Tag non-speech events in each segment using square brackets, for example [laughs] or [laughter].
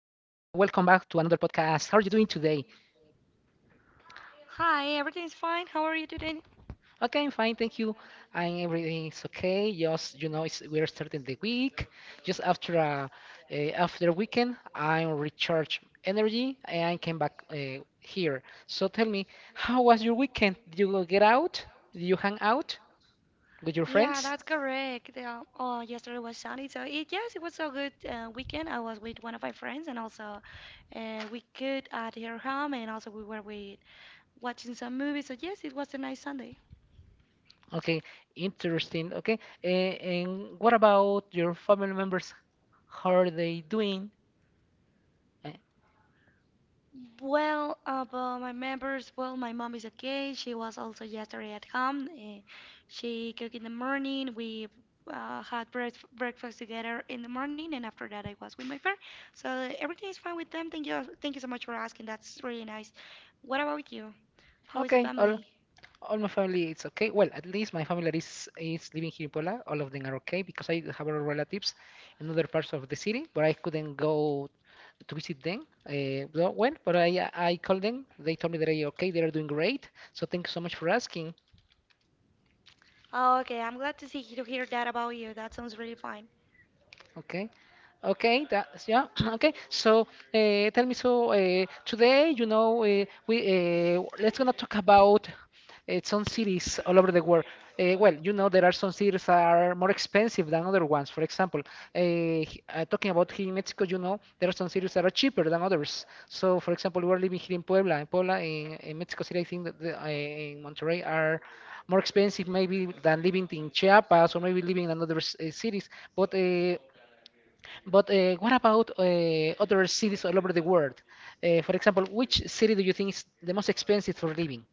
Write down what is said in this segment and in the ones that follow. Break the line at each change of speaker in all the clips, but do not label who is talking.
back to another podcast. How are you doing today?
Hi, everything's fine. How are you today?
Okay, I'm fine, thank you. And everything is okay. Just it's, we're starting the week. Just after a, after weekend, I recharge energy and I came back here. So tell me, how was your weekend? Did you go get out? Did you hang out with your
Yeah, that's
friends?
correct. Oh, yesterday was Sunday, so it yes, it was a good weekend. I was with one of my friends, and also we cooked at her home, and also we were with watching some movies. So yes, it was a nice Sunday.
Okay, interesting. Okay, and what about your family members? How are they doing? Uh,
Well, about my members, well, my mom is okay. She was also yesterday at home. She cooked in the morning. We had breakfast together in the morning, and after that, I was with my friend. So everything is fine with them. Thank you so much for asking. That's really nice. What about you? How is the
Okay.
family?
All my family is okay. Well, at least my family that is living here in Puebla. All of them are okay because I have other relatives in other parts of the city, but I couldn't go to visit them. But I called them. They told me that they are okay. They are doing great. So thank you so much for asking.
Oh, okay. I'm glad to hear that about you. That sounds really fine.
Okay. Okay, that's yeah. [clears throat] Okay, so tell me, so today, we let's gonna talk about some cities all over the world. Well, you know, there are some cities that are more expensive than other ones. For example, talking about here in Mexico, you know, there are some cities that are cheaper than others. So, for example, we're living here in Puebla. In Puebla, in Mexico City, I think that the, in Monterrey are more expensive maybe than living in Chiapas or maybe living in another cities. But uh, but what about other cities all over the world? For example, which city do you think is the most expensive for living?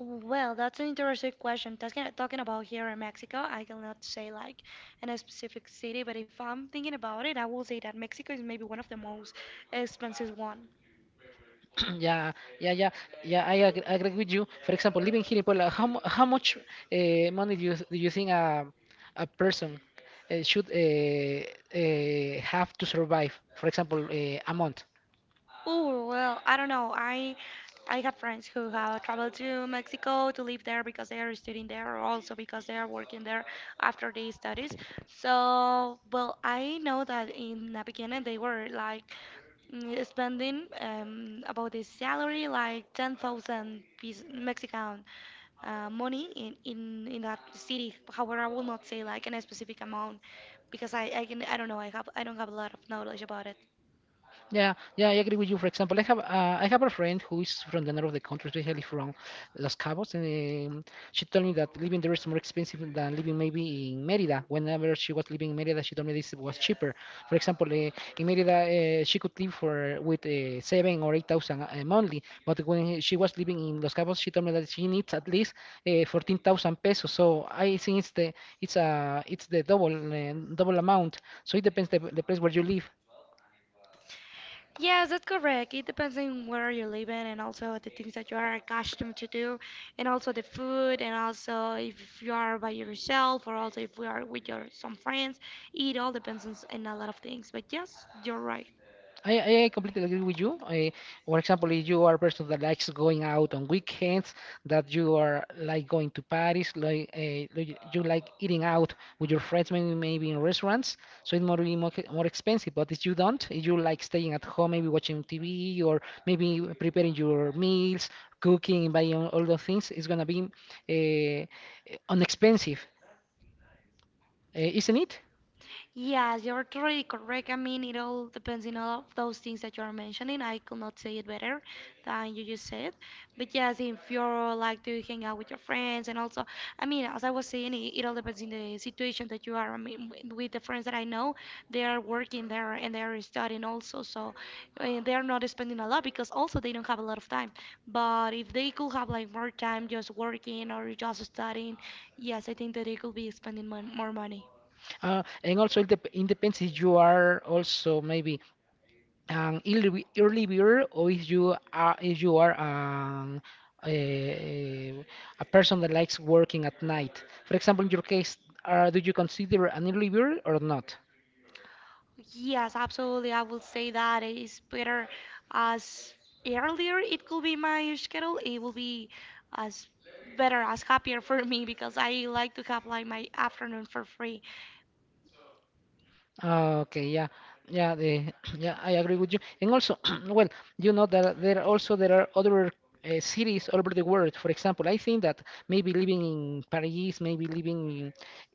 Oh, well, that's an interesting question. Talking about here in Mexico, I cannot say like in a specific city, but if I'm thinking about it, I will say that Mexico is maybe one of the most expensive one.
[clears throat] Yeah, yeah, yeah, yeah. I ag agree with you. For example, living here in Puebla, how much money do you think a person should have to survive? For example, a month.
Oh, well, I don't know. I have friends who have traveled to Mexico to live there because they are studying there, or also because they are working there after their studies. So, well, I know that in the beginning they were like spending about the salary like 10,000 Mexican money in that city. However, I will not say like in a specific amount because I can I don't know I have I don't have a lot of knowledge about it.
Yeah, yeah, I agree with you. For example, I have a friend who is from the north of the country, especially from Los Cabos, and she told me that living there is more expensive than living maybe in Mérida. Whenever she was living in Mérida, she told me this was cheaper. For example, in Mérida, she could live for with 7 or 8 thousand monthly, but when she was living in Los Cabos, she told me that she needs at least 14,000 pesos. So I think it's the double double amount. So it depends the place where you live.
Yes, that's correct. It depends on where you are living and also the things that you are accustomed to do and also the food and also if you are by yourself or also if we are with your some friends. It all depends on a lot of things. But yes, you're right.
I completely agree with you. I, for example, if you are a person that likes going out on weekends, that you are like going to parties, like you like eating out with your friends, maybe in restaurants, so it might be more expensive. But if you don't, if you like staying at home, maybe watching TV or maybe preparing your meals, cooking, buying all those things, it's gonna be unexpensive, isn't it?
Yes, you're totally correct. I mean, it all depends on all of those things that you're mentioning. I could not say it better than you just said. But yes, if you're like to hang out with your friends, and also, I mean, as I was saying, it all depends on the situation that you are. I mean, with the friends that I know, they are working there and they are studying also, so they are not spending a lot because also they don't have a lot of time. But if they could have like more time just working or just studying, yes, I think that they could be spending mon more money.
And also it depends if you are also maybe an early bird or if you are a, a person that likes working at night. For example, in your case, do you consider an early bird or not?
Yes, absolutely. I will say that it's better as earlier it could be my schedule. It will be as better, as happier for me because I like to have like my afternoon for free.
Ah, okay, yeah, yeah, the, [clears throat] yeah, I agree with you. And also, [clears throat] well, you know that there are other cities all over the world. For example, I think that maybe living in Paris, maybe living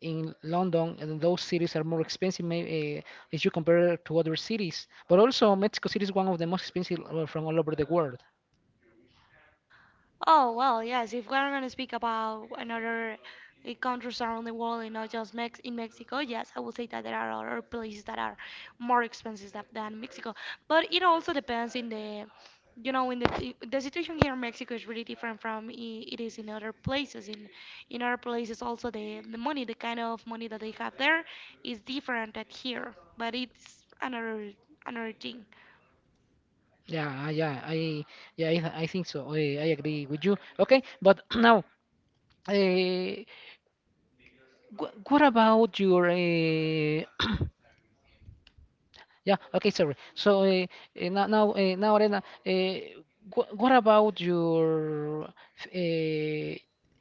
in London, and those cities are more expensive maybe if you compare to other cities. But also, Mexico City is one of the most expensive from all over the world.
Oh, well, yes, if we're going to speak about another countries around the world and not just Mex in Mexico, yes, I would say that there are other places that are more expensive than Mexico. But it also depends in the, you know, in the the situation here in Mexico is really different from it is in other places. In other places also the money, the kind of money that they have there is different at here, but it's another another thing.
Yeah, uh, yeah, I, I think so. I agree with you. Okay, but [clears throat] now, uh, wh what about your [clears throat] Yeah. Okay. Sorry. So now, Arena, what about uh,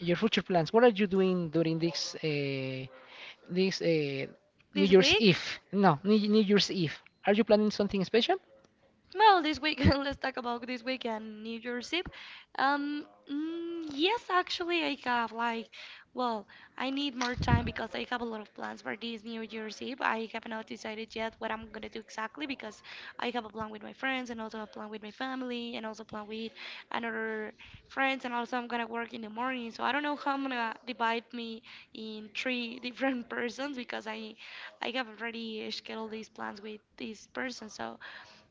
your future plans? What are you doing during this this uh, New
This
Year's
week?
Eve? No, New New Year's Eve. Are you planning something special?
Well, this weekend, [laughs] let's talk about this weekend, New Year's Eve. Yes, actually, I have like, well, I need more time because I have a lot of plans for this New Year's Eve. I have not decided yet what I'm gonna do exactly because I have a plan with my friends and also a plan with my family and also a plan with another friends and also I'm gonna work in the morning. So I don't know how I'm gonna divide me in three different [laughs] persons because I have already scheduled these plans with this person. So.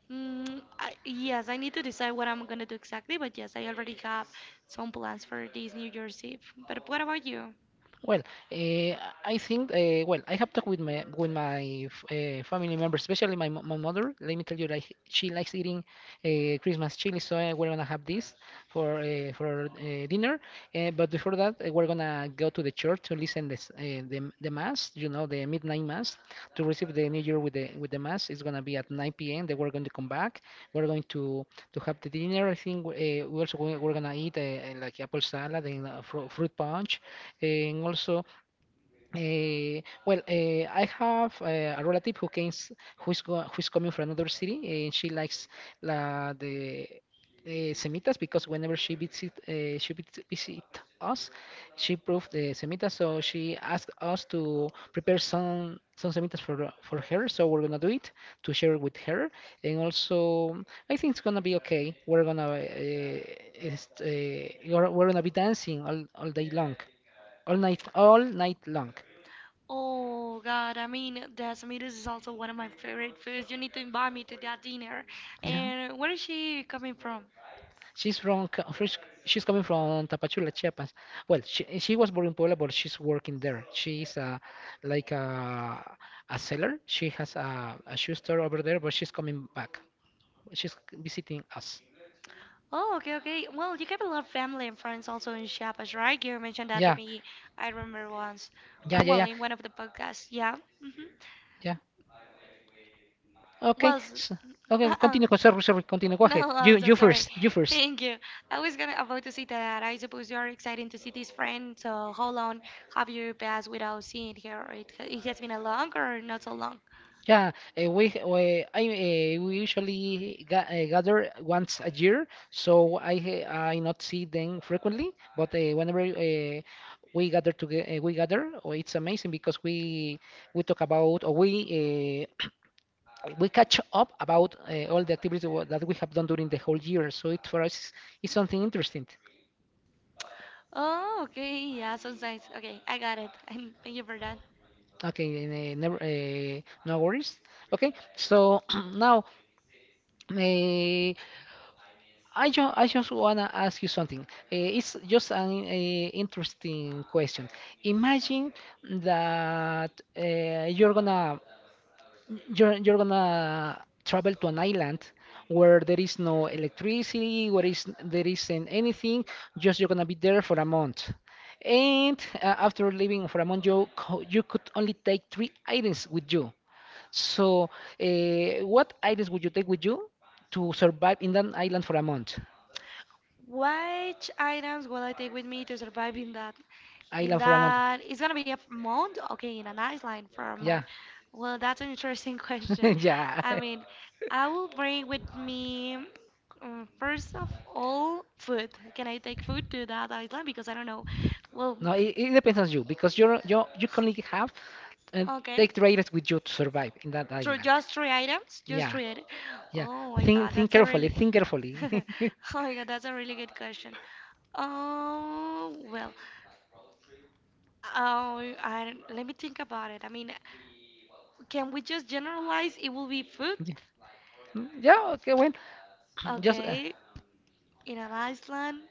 Yes, I need to decide what I'm gonna do exactly, but yes, I already have some plans for this New Year's Eve. But what about you?
Well, uh, I think well, I have talked with my family members, especially my mother. Let me tell you, like she likes eating Christmas chili, so we're gonna have this for dinner. But before that, we're gonna go to the church to listen this the mass, you know, the midnight mass to receive the New Year with the mass. It's gonna be at 9 p.m. Then we're going to come back. We're going to have the dinner. I think we're gonna eat like apple salad and fruit punch. And also, I have a relative who's coming from another city, and she likes la, the semitas because whenever she visit us, she proved the semitas. So she asked us to prepare some semitas for her. So we're gonna do it to share with her, and also I think it's gonna be okay. We're gonna we're gonna be dancing all day long all night long. [laughs]
Oh God, I mean, Decimeters is also one of my favorite foods. You need to invite me to that dinner.
Yeah,
And where is she coming from?
she's from Co- fresh- she's coming from Tapachula, Chiapas. Well, she was born in Puebla, but she's working there. She's like a seller. She has a shoe store over there, but she's coming back. She's visiting us.
Oh, okay, okay. Well, you have a lot of family and friends also in Chiapas, right? You mentioned that to
Yeah,
me. I remember once.
yeah, yeah,
Well,
yeah,
in one of the podcasts, yeah. Hmm.
yeah. Okay,
Well, s-
so, okay.
uh-uh.
Sorry, sorry. Continue. Go ahead.
No, I'm so
You first.
sorry.
You first.
Thank you. I was gonna about to say that I suppose you are excited to see this friend. So how long have you passed without seeing her? Or it has been a long or not so long?
Yeah, we usually ga gather once a year, so I not see them frequently, but whenever we gather, oh, it's amazing because we talk about or we [clears throat] we catch up about all the activities that we have done during the whole year. So it for us is something interesting.
Oh, okay. Yeah, sounds nice. Okay, I got it. [laughs] And thank you for that.
Okay, never no worries. Okay, so [clears throat] now. Uh, I just wanna ask you something. Eh, it's just an eh, interesting question. Imagine that eh, you're gonna travel to an island where there is no electricity, where is there isn't anything. Just you're gonna be there for a month, and after living for a month, you could only take three items with you. So, eh, what items would you take with you to survive in that island for a month?
Which items will I take with me to survive in that?
I
In
love Ramon.
that, it's gonna be a month? Okay, in an island for a
Yeah,
month. Well, that's an interesting [laughs] question.
[laughs] yeah.
I mean, I will bring with me, first of all, food. Can I take food to that island? Because I don't know. Well,
No, it depends on you because you can only have uh,
[sighs] okay.
take traders with you to survive in that
Through
island.
just three items? Just
Yeah,
three items.
yeah.
Oh my god,
Think
that's a
carefully.
really
Think carefully.
[laughs] Oh
[laughs]
my God, that's a really good question. Oh, well, oh, I, don't- let me think about it. I mean, can we just generalize it will be food?
Yeah. Yeah, okay, well, [clears throat] just
Okay, in an Iceland.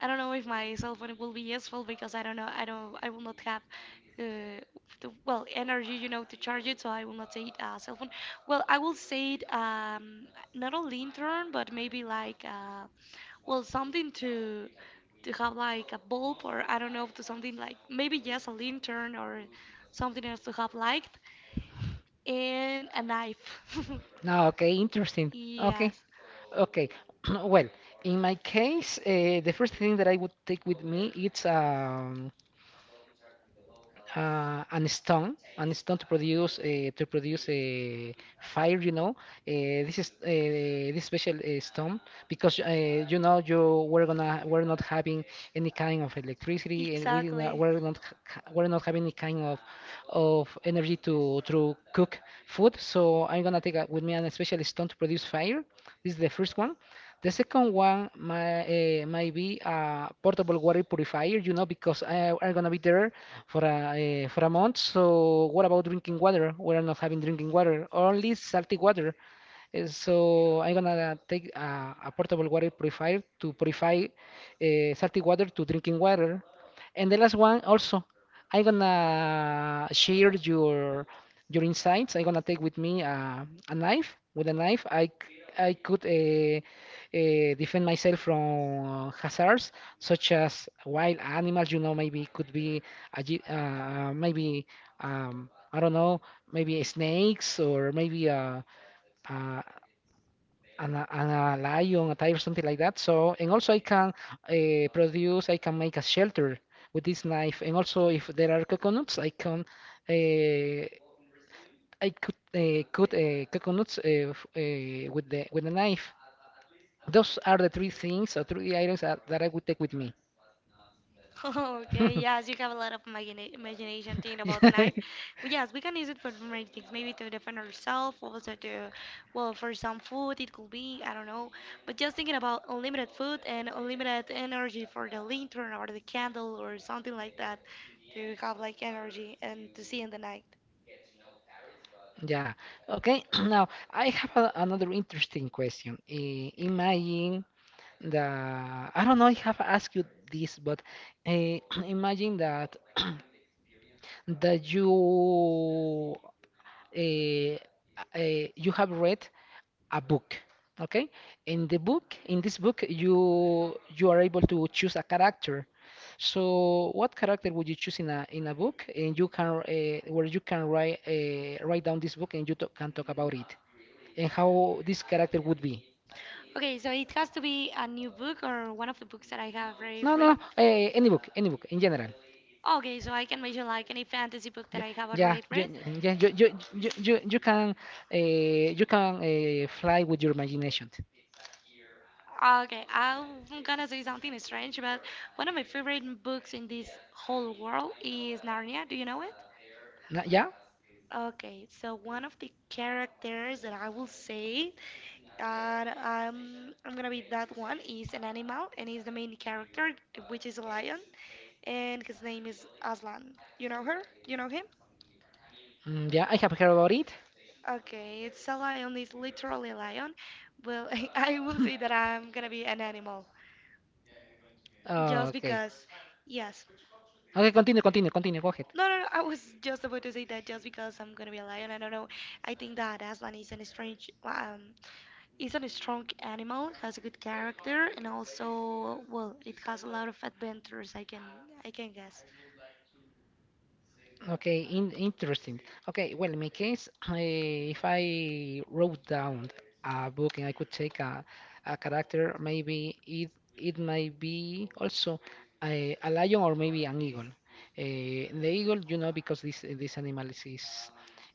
I don't know if my cell phone will be useful because I don't know. I don't. I will not have uh, the well energy, you know, to charge it. So I will not say it cell phone. Well, I will say it not a lantern, but maybe like well something to have like a bulb or I don't know to something like maybe yes a lantern or something else to have light and a knife. [laughs]
no, okay, interesting. Okay,
Yes,
okay. [clears throat] Well, in my case, the first thing that I would take with me it's an stone to produce a fire. You know, uh, this is uh, this special stone because you know you we're gonna we're not having any kind of electricity, and we not,
exactly.
we're not ha- we're not having any kind of energy to cook food. So I'm gonna take a, with me an special stone to produce fire. This is the first one. The second one might be a portable water purifier, you know, because I'm gonna be there for a month. So what about drinking water? We're not having drinking water, only salty water. So I'm gonna take a portable water purifier to purify salty water to drinking water. And the last one also, I'm gonna share your insights. I'm gonna take with me a knife. With a knife, I could defend myself from hazards such as wild animals. You know, maybe could be a, gi- maybe I don't know, maybe snakes or maybe a, a lion, a tiger, something like that. So, and also I can I can make a shelter with this knife. And also, if there are coconuts, I can. Uh, I could cut coconuts with the knife. Those are the three things or three items that, that I would take with me.
[laughs] Okay,
[laughs]
yes, you have a lot of imagination thinking about the
Yeah.
knife. Well, yes, we can use it for many things, maybe to defend ourselves, also to, well, for some food, it could be, I don't know. But just thinking about unlimited food and unlimited energy for the lantern or the candle or something like that to have like energy and to see in the night.
Yeah. Okay. [clears throat] Now, I have a, another interesting question. Imagine that I don't know if I have asked you this, but uh, [clears throat] imagine that [clears throat] that you uh, you have read a book, okay, in the book, in this book you are able to choose a character. So what character would you choose in a book, and you can where you can write write down this book and you can talk about it and how this character would be?
Okay, so it has to be a new book or one of the books that I have already
No no
read.
Any book, any book in general.
Okay, so I can mention like any fantasy book that
yeah
I have
yeah
already
you,
read.
yeah you, you, you can you can fly with your imagination.
Okay, I'm gonna say something strange, but one of my favorite books in this whole world is Narnia. Do you know it?
No, yeah.
Okay, so one of the characters that I will say, and I'm gonna be that one is an animal, and he's the main character, which is a lion, and his name is Aslan. You know her? You know him?
Mm, yeah, I have heard about it.
Okay, it's a lion. It's literally a lion. Well, [laughs] I will say that I'm gonna be an animal. Just
Okay.
because yes.
Okay, continue, continue, continue, go ahead.
No, no, no. I was just about to say that just because I'm gonna be a lion, I don't know. I think that Aslan is an strange, is a strong animal, has a good character, and also, well, it has a lot of adventures. I can guess.
Okay, interesting. Okay, well, in my case, I, if I wrote down a book and I could take a character, maybe it might be also a lion or maybe an eagle. The eagle, you know, because this animal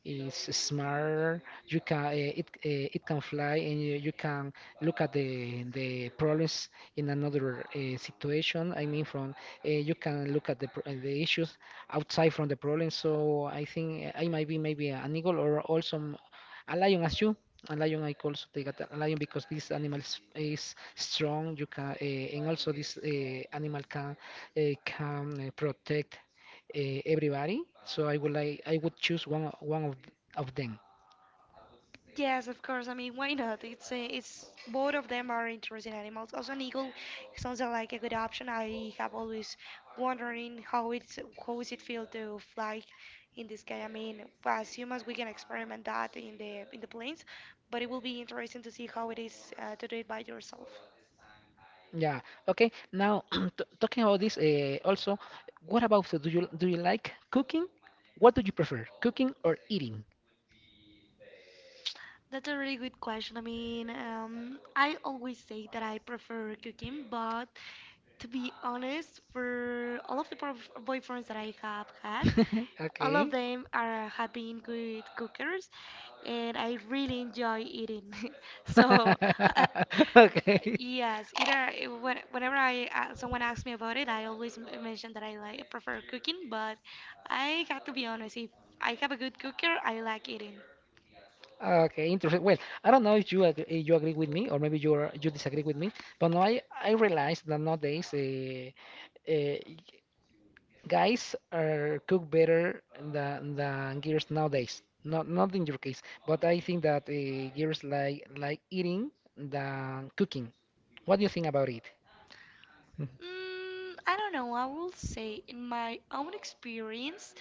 is smart. You can it can fly, and you can look at the problems in another situation. I mean, from you can look at the issues outside from the problem. So I think I might be maybe an eagle or also a lion as you. A lion I call the gat- a lion because this animal is strong. You can and also this animal can protect everybody. So I would choose one of them.
Yes, of course. I mean, why not? It's both of them are interesting animals. Also, an eagle sounds like a good option. I have always wondering how it's how is it feel to fly in the sky. I mean, as humans, we can experiment that in the planes, but it will be interesting to see how it is to do it by yourself.
Yeah. Okay. Now [clears throat] t talking about this also, what about food? Do you like cooking? What do you prefer, cooking or eating?
That's a really good question. I mean, I always say that I prefer cooking, but to be honest, for all of the boyfriends that I have had,
[laughs]
all of
Okay.
them are have been good cookers, and I really enjoy eating. [laughs] So,
[laughs] Okay.
[laughs] yes, either whenever I someone asks me about it, I always mention that I like prefer cooking. But I have to be honest, if I have a good cooker, I like eating.
Okay, interesting. Well, I don't know if you agree with me, or maybe you disagree with me, but no, I realize that nowadays uh, guys are cook better than girls nowadays. Not in your case, but I think that girls like eating than cooking. What do you think about it?
Mm, I don't know. I will say, in my own experience,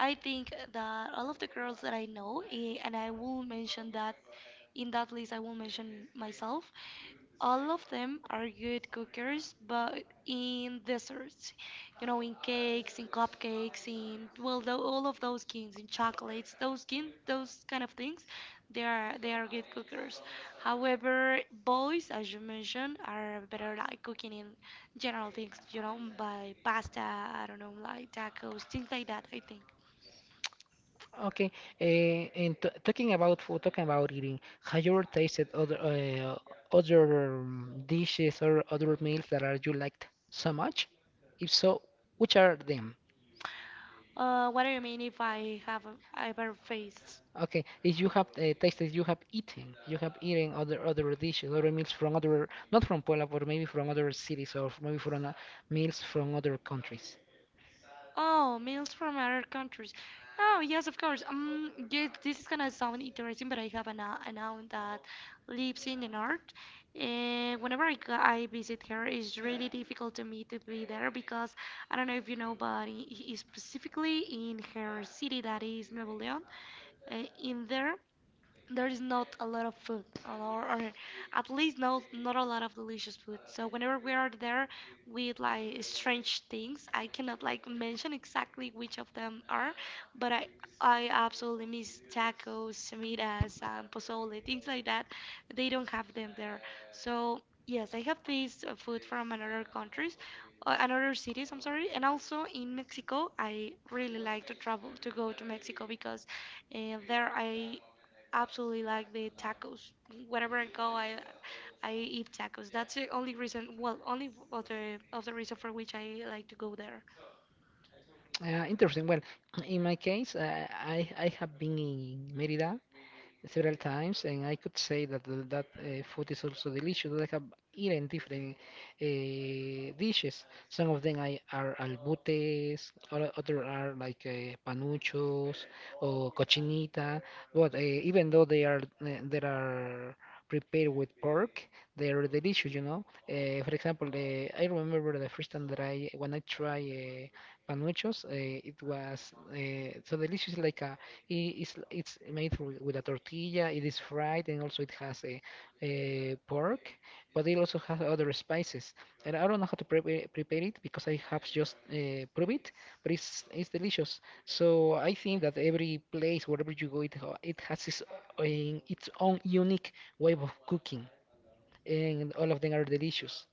I think that all of the girls that I know, and I will mention that in that list, I will mention myself. All of them are good cookers, but in desserts, you know, in cakes, in cupcakes, in well, all of those kinds, in chocolates, those kind of things, they are good cookers. However, boys, as you mentioned, are better like cooking in general things, you know, by pasta, I don't know, like tacos, things like that, I think.
Okay, and t talking about food, talking about eating, have you ever tasted other other dishes or other meals that are you liked so much? If so, which are them?
What do you mean if I have ever faced?
Okay, if you have tasted, you have eaten other dishes, other meals from other, not from Puebla, but maybe from other cities or maybe from meals from other countries.
Oh, meals from other countries. Oh, yes, of course. Yes, this is gonna sound interesting, but I have an aunt that lives in the north, and whenever I visit her, it's really difficult to me to be there because I don't know if you know, but specifically in her city that is Nuevo León, in there there is not a lot of food or at least not a lot of delicious food. So whenever we are there we eat like strange things. I cannot like mention exactly which of them are, but I absolutely miss tacos, semitas, pozole, things like that. They don't have them there. So yes, I have this food from another countries, another cities, I'm sorry. And also in Mexico I really like to travel, to go to Mexico, because and there I absolutely like the tacos. Whenever I go, I eat tacos. That's the only reason, well, only other of the reason for which I like to go there.
Interesting. Well, in my case, I have been in Mérida several times, and I could say that that food is also delicious. I have eaten different dishes. Some of them are albutes, other are like panuchos or cochinita. But even though they are prepared with pork, they are delicious, you know. For example, I remember the first time that I when I tried panuchos, it was so delicious, like a it's made with a tortilla. It is fried, and also it has a pork, but it also has other spices. And I don't know how to prepare it because I have just proved it, but it's delicious. So I think that every place, wherever you go, it has its own unique way of cooking, and all of them are delicious.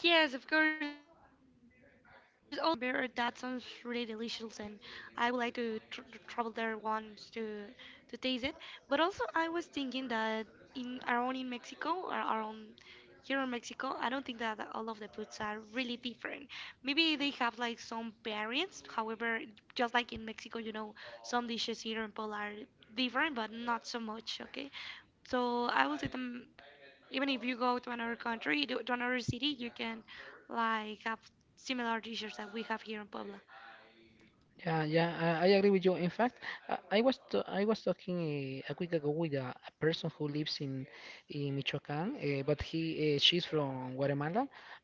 Yes, of course. Vancouver. That sounds really delicious, and I would like to tr travel there once to taste it. But also, I was thinking that in around in Mexico or around here in Mexico, I don't think that all of the foods are really different. Maybe they have like some variants. However, just like in Mexico, you know, some dishes here in Poland are different, but not so much. Okay, so I will say them. Even if you go to another country, to another city, you can like have similar dishes that we have here in Puebla.
Yeah, yeah, I agree with you. In fact, I was talking a week ago with a person who lives in Michoacán, but he she's from Guatemala.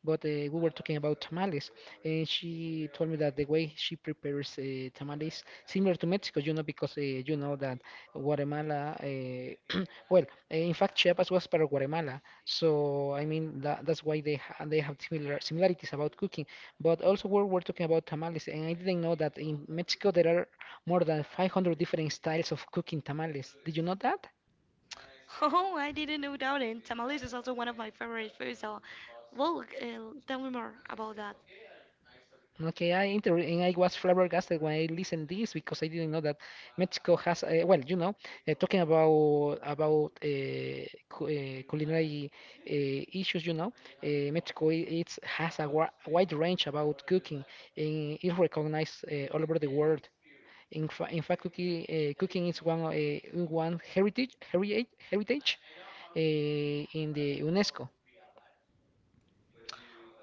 But we were talking about tamales, and she told me that the way she prepares tamales similar to Mexico, you know, because you know that Guatemala, [clears throat] well, in fact, Chiapas was part of Guatemala, so I mean that that's why they ha they have similar similarities about cooking. But also we were talking about tamales, and I didn't know that in Mexico there are more than 500 different styles of cooking tamales. Did you know that?
[laughs] Oh, I didn't know that. And tamales is also one of my favorite foods. So, well, tell me more about that.
Okay, I inter and I was flabbergasted when I listened this because I didn't know that Mexico has well, you know, talking about cu culinary issues, you know, uh, Mexico i- it's has a wide range about cooking, and it's recognized all over the world. In fact, cooking is one heritage in the UNESCO.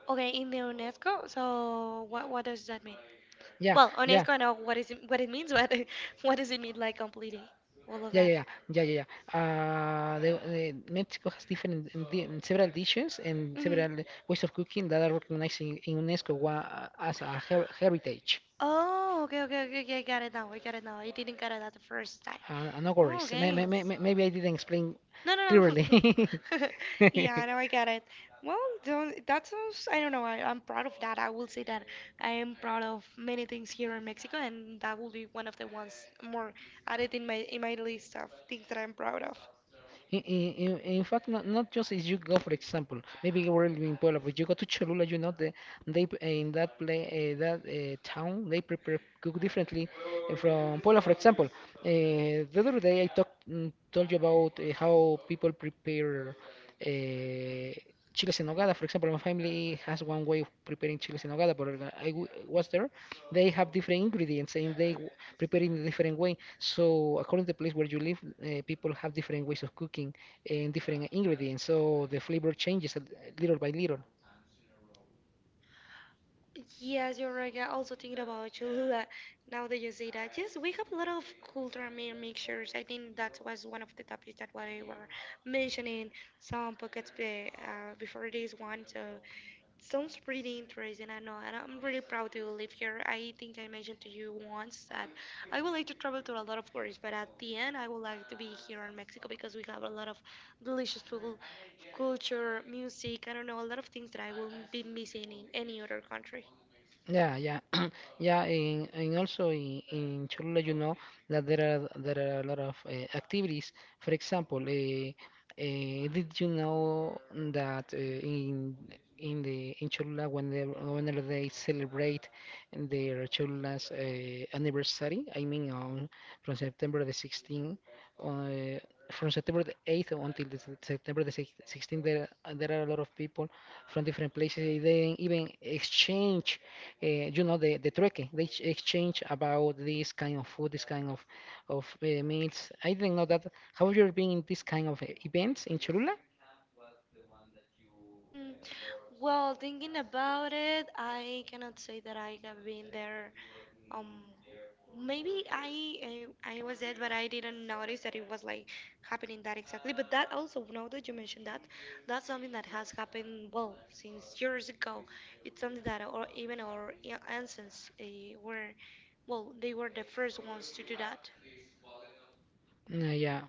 Okay, in the UNESCO. So, what does that mean?
Yeah,
Well,
yeah,
UNESCO, I know what is it, what it means, but [laughs] what does it mean, like completely all of
yeah, yeah,
that?
yeah, yeah, yeah. yeah. The, The Mexico has different in several dishes and
Hmm.
several ways of cooking that are recognized in UNESCO wa as a heritage.
Oh, okay, okay, okay, okay. I got it now. I got it now. I didn't get it at the first time.
No
Oh,
worries.
okay.
Maybe I didn't explain
No, no,
clearly.
no. [laughs] Yeah, no, I
[laughs]
get it. Well, don't, that sounds, I don't know, I'm proud of that. I will say that I am proud of many things here in Mexico, and that will be one of the ones more added in my list of things that I'm proud of.
In fact, not just if you go, for example, maybe we're in Puebla, but you go to Cholula, you know, in that play, that town, they prepare cook differently, from Poland, for example. The other day I talked told you about how people prepare uh, chiles en nogada. For example, my family has one way of preparing chiles en nogada, but was there. They have different ingredients, and prepare in a different way. So according to the place where you live, people have different ways of cooking and different ingredients. So the flavor changes little by little.
Yes, you're right. I also thinking about Cholula. Now that you say that, yes, we have a lot of cultural mixtures. I think that was one of the topics that we were mentioning some pockets before this one. So sounds pretty interesting. I know, and I'm really proud to live here. I think I mentioned to you once that I would like to travel to a lot of countries, but at the end, I would like to be here in Mexico because we have a lot of delicious food, culture, music. I don't know, a lot of things that I will be missing in any other country.
Yeah, yeah, [clears throat] yeah. And [clears throat] also in Cholula, you know that there are a lot of activities. For example, did you know that in the in Cholula, whenever they celebrate their Cholula's anniversary, I mean on from September the 16th, uh, from September the 8th until September the 16th, there are a lot of people from different places. They even exchange, you know, the trueque. Exchange about this kind of food, this kind of meals. I didn't know that. Have you ever been in this kind of events in Cholula?
Mm, well, thinking about it, I cannot say that I have been there. Um, maybe I was there, but I didn't notice that it was like happening that exactly. But that also, now that you mentioned that, that's something that has happened well since years ago. It's something that or even our ancients were, well, they were the first ones to do that.
Yeah,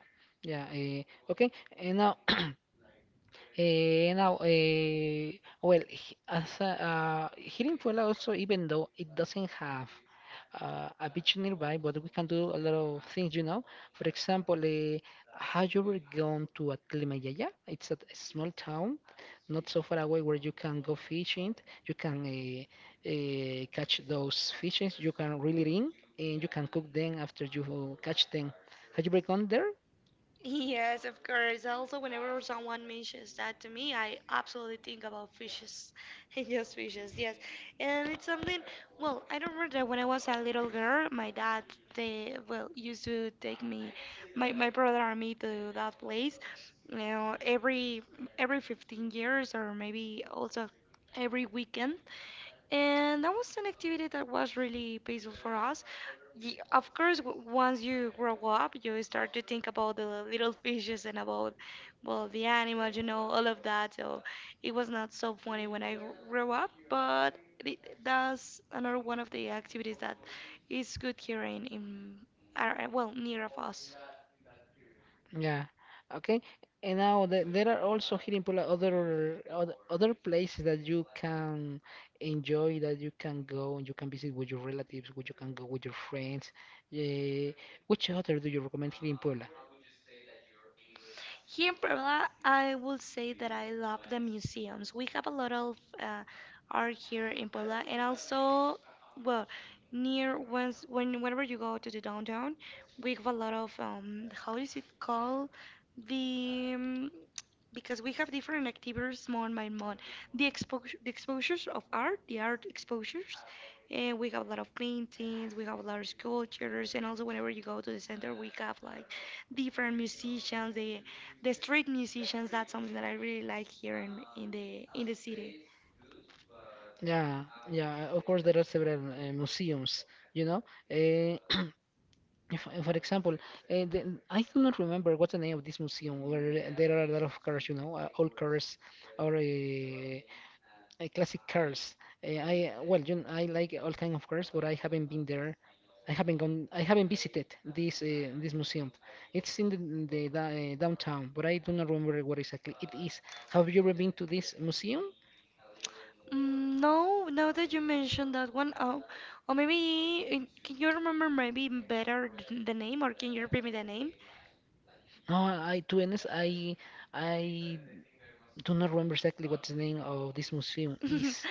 yeah. Okay, and now Eh, now, eh, well, as here in Puebla also, even though it doesn't have a beach nearby, but we can do a lot of things, you know. For example, have you ever gone to Atlimayaya? It's a small town, not so far away, where you can go fishing. You can catch those fishes. You can reel it in, and you can cook them after you catch them. Have you ever gone there?
Yes, of course. Also, whenever someone mentions that to me, I absolutely think about fishes [laughs] and just fishes, yes. And it's something, well, I don't remember that when I was a little girl, my dad, they, well, used to take me, my brother and me to that place, you know, every 15 years or maybe also every weekend. And that was an activity that was really peaceful for us. Of course, once you grow up, you start to think about the little fishes and about, well, the animals, you know, all of that. So it was not so funny when I grew up, but it, that's another one of the activities that is good here in our, well, near of us.
Yeah. Okay. And now there are also here in Puebla other, other places that you can enjoy, that you can go and you can visit with your relatives, which you can go with your friends. Eh, which other do you recommend here in Puebla?
Here in Puebla, I will say that I love the museums. We have a lot of art here in Puebla, and also, well, near once when whenever you go to the downtown, we have a lot of how is it called? The because we have different activities month by month. The exposure, the exposures of art, the art exposures, and we have a lot of paintings, we have a lot of sculptures, and also whenever you go to the center, we have like different musicians. They the street musicians, that's something that I really like here in the in the city.
Yeah, yeah. Of course, there are several museums, you know. Uh, [clears throat] if, for example, I do not remember what's the name of this museum where there are a lot of cars, you know, old cars or classic cars. I well, you know, I like all kind of cars, but I haven't been there. I haven't gone. I haven't visited this museum. It's in downtown, but I do not remember what exactly it is. Have you ever been to this museum?
Mm, no, now that you mentioned that one, oh, or maybe can you remember maybe better the name, or can you repeat me the name?
No, I to be honest, I do not remember exactly what the name of this museum
[laughs]
is.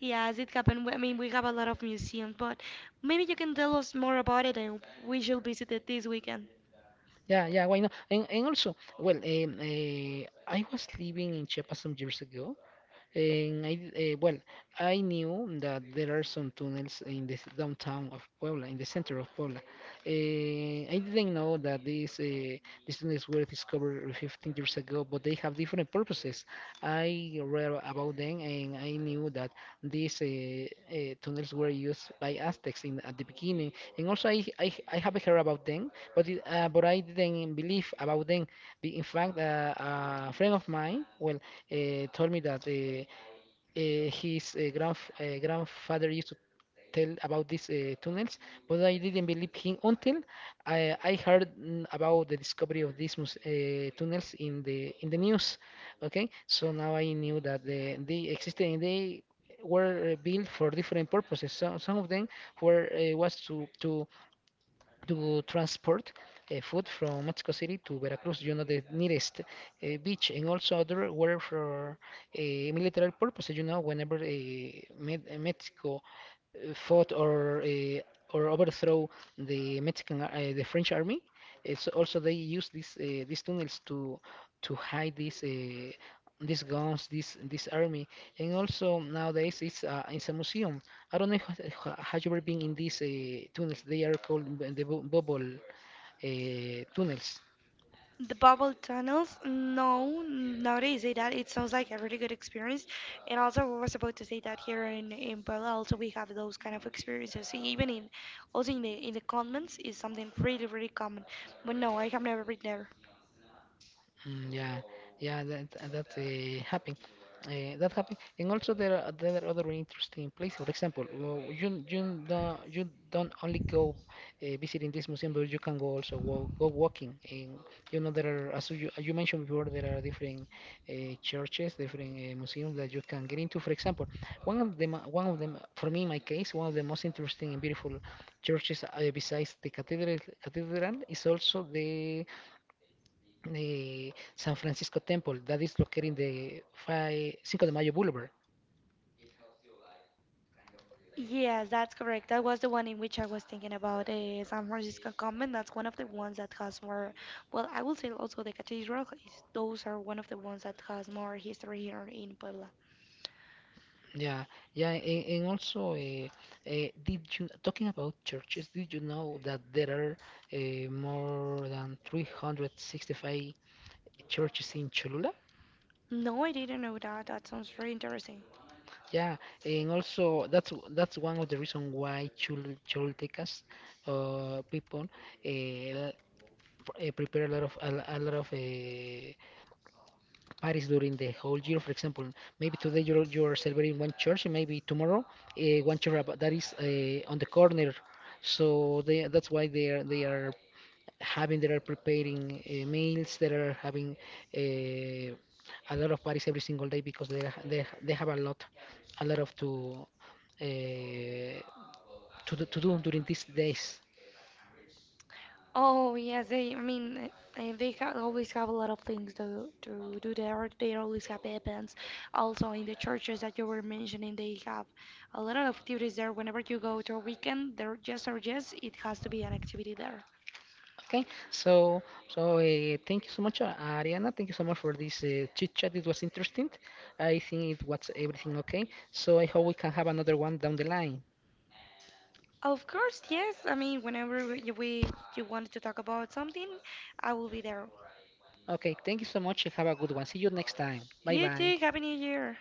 Yes, it happened. I mean, we have a lot of museums, but maybe you can tell us more about it, and we should visit it this weekend.
Yeah, yeah, why not? And also, well, I was living in Chiapas some years ago, and I, well, I knew that there are some tunnels in downtown of Puebla, in the center of Puebla. I didn't know that these tunnels were discovered 15 years ago, but they have different purposes. I read about them, and I knew that these tunnels were used by Aztecs in at the beginning, and also I have heard about them, but but I didn't believe about them. In fact, a friend of mine, well told me that his grandf grandfather used to tell about these tunnels, but I didn't believe him until I heard about the discovery of tunnels in the news. Okay, so now I knew that they existed and they were built for different purposes. Some of them were was to to transport food from Mexico City to Veracruz, you know, the nearest beach, and also other were for military purposes. You know, whenever Mexico fought or overthrow the French army. So also they use these tunnels to hide these guns, this army, and also nowadays it's a museum. I don't know if, have you ever been in these tunnels. They are called bubble tunnels.
The bubble tunnels? No, now that you say that, it sounds like a really good experience. And also, I was about to say that here in Puebla, also we have those kind of experiences. Even in also in the convents is something really really common. But no, I have never been there.
Mm, yeah. Yeah, that that's happening. That happened, and also there are other interesting places. For example, you don't only go visiting this museum, but you can go also go walking. And you know there are as you mentioned before, there are different uh, churches, different museums that you can get into. For example, one of them for me in my case, one of the most interesting and beautiful churches besides the cathedral is also the San Francisco Temple that is located in the Cinco de Mayo Boulevard.
Yes, that's correct. That was the one in which I was thinking about San Francisco Convent. That's one of the ones that has more. Well, I will say also the cathedral. Those are one of the ones that has more history here in Puebla.
Yeah, yeah, and also, did you talking about churches? Did you know that there are more than 365 churches in Cholula?
No, I didn't know that. That sounds very interesting.
Yeah, and also that's one of the reason why Choltecas people uh, prepare a lot of a lot of parties during the whole year. For example, maybe today you're celebrating one church, and maybe tomorrow one church that is on the corner. So that's why they are having they are preparing meals. They are having uh, a lot of parties every single day because they have a lot of to uh, to do during these days.
Oh yes, they. I mean, and they ha always have a lot of things to do there. They always have events. Also, in the churches that you were mentioning, they have a lot of activities there. Whenever you go to a weekend, there yes or yes, it has to be an activity there.
Okay, so so thank you so much, Ariana. Thank you so much for this chit chat. It was interesting. I think it was everything okay. So I hope we can have another one down the line.
Of course, yes. I mean, whenever we you wanted to talk about something, I will be there.
Okay, thank you so much and have a good one. See you next time. Bye
You
bye.
too. Happy New Year.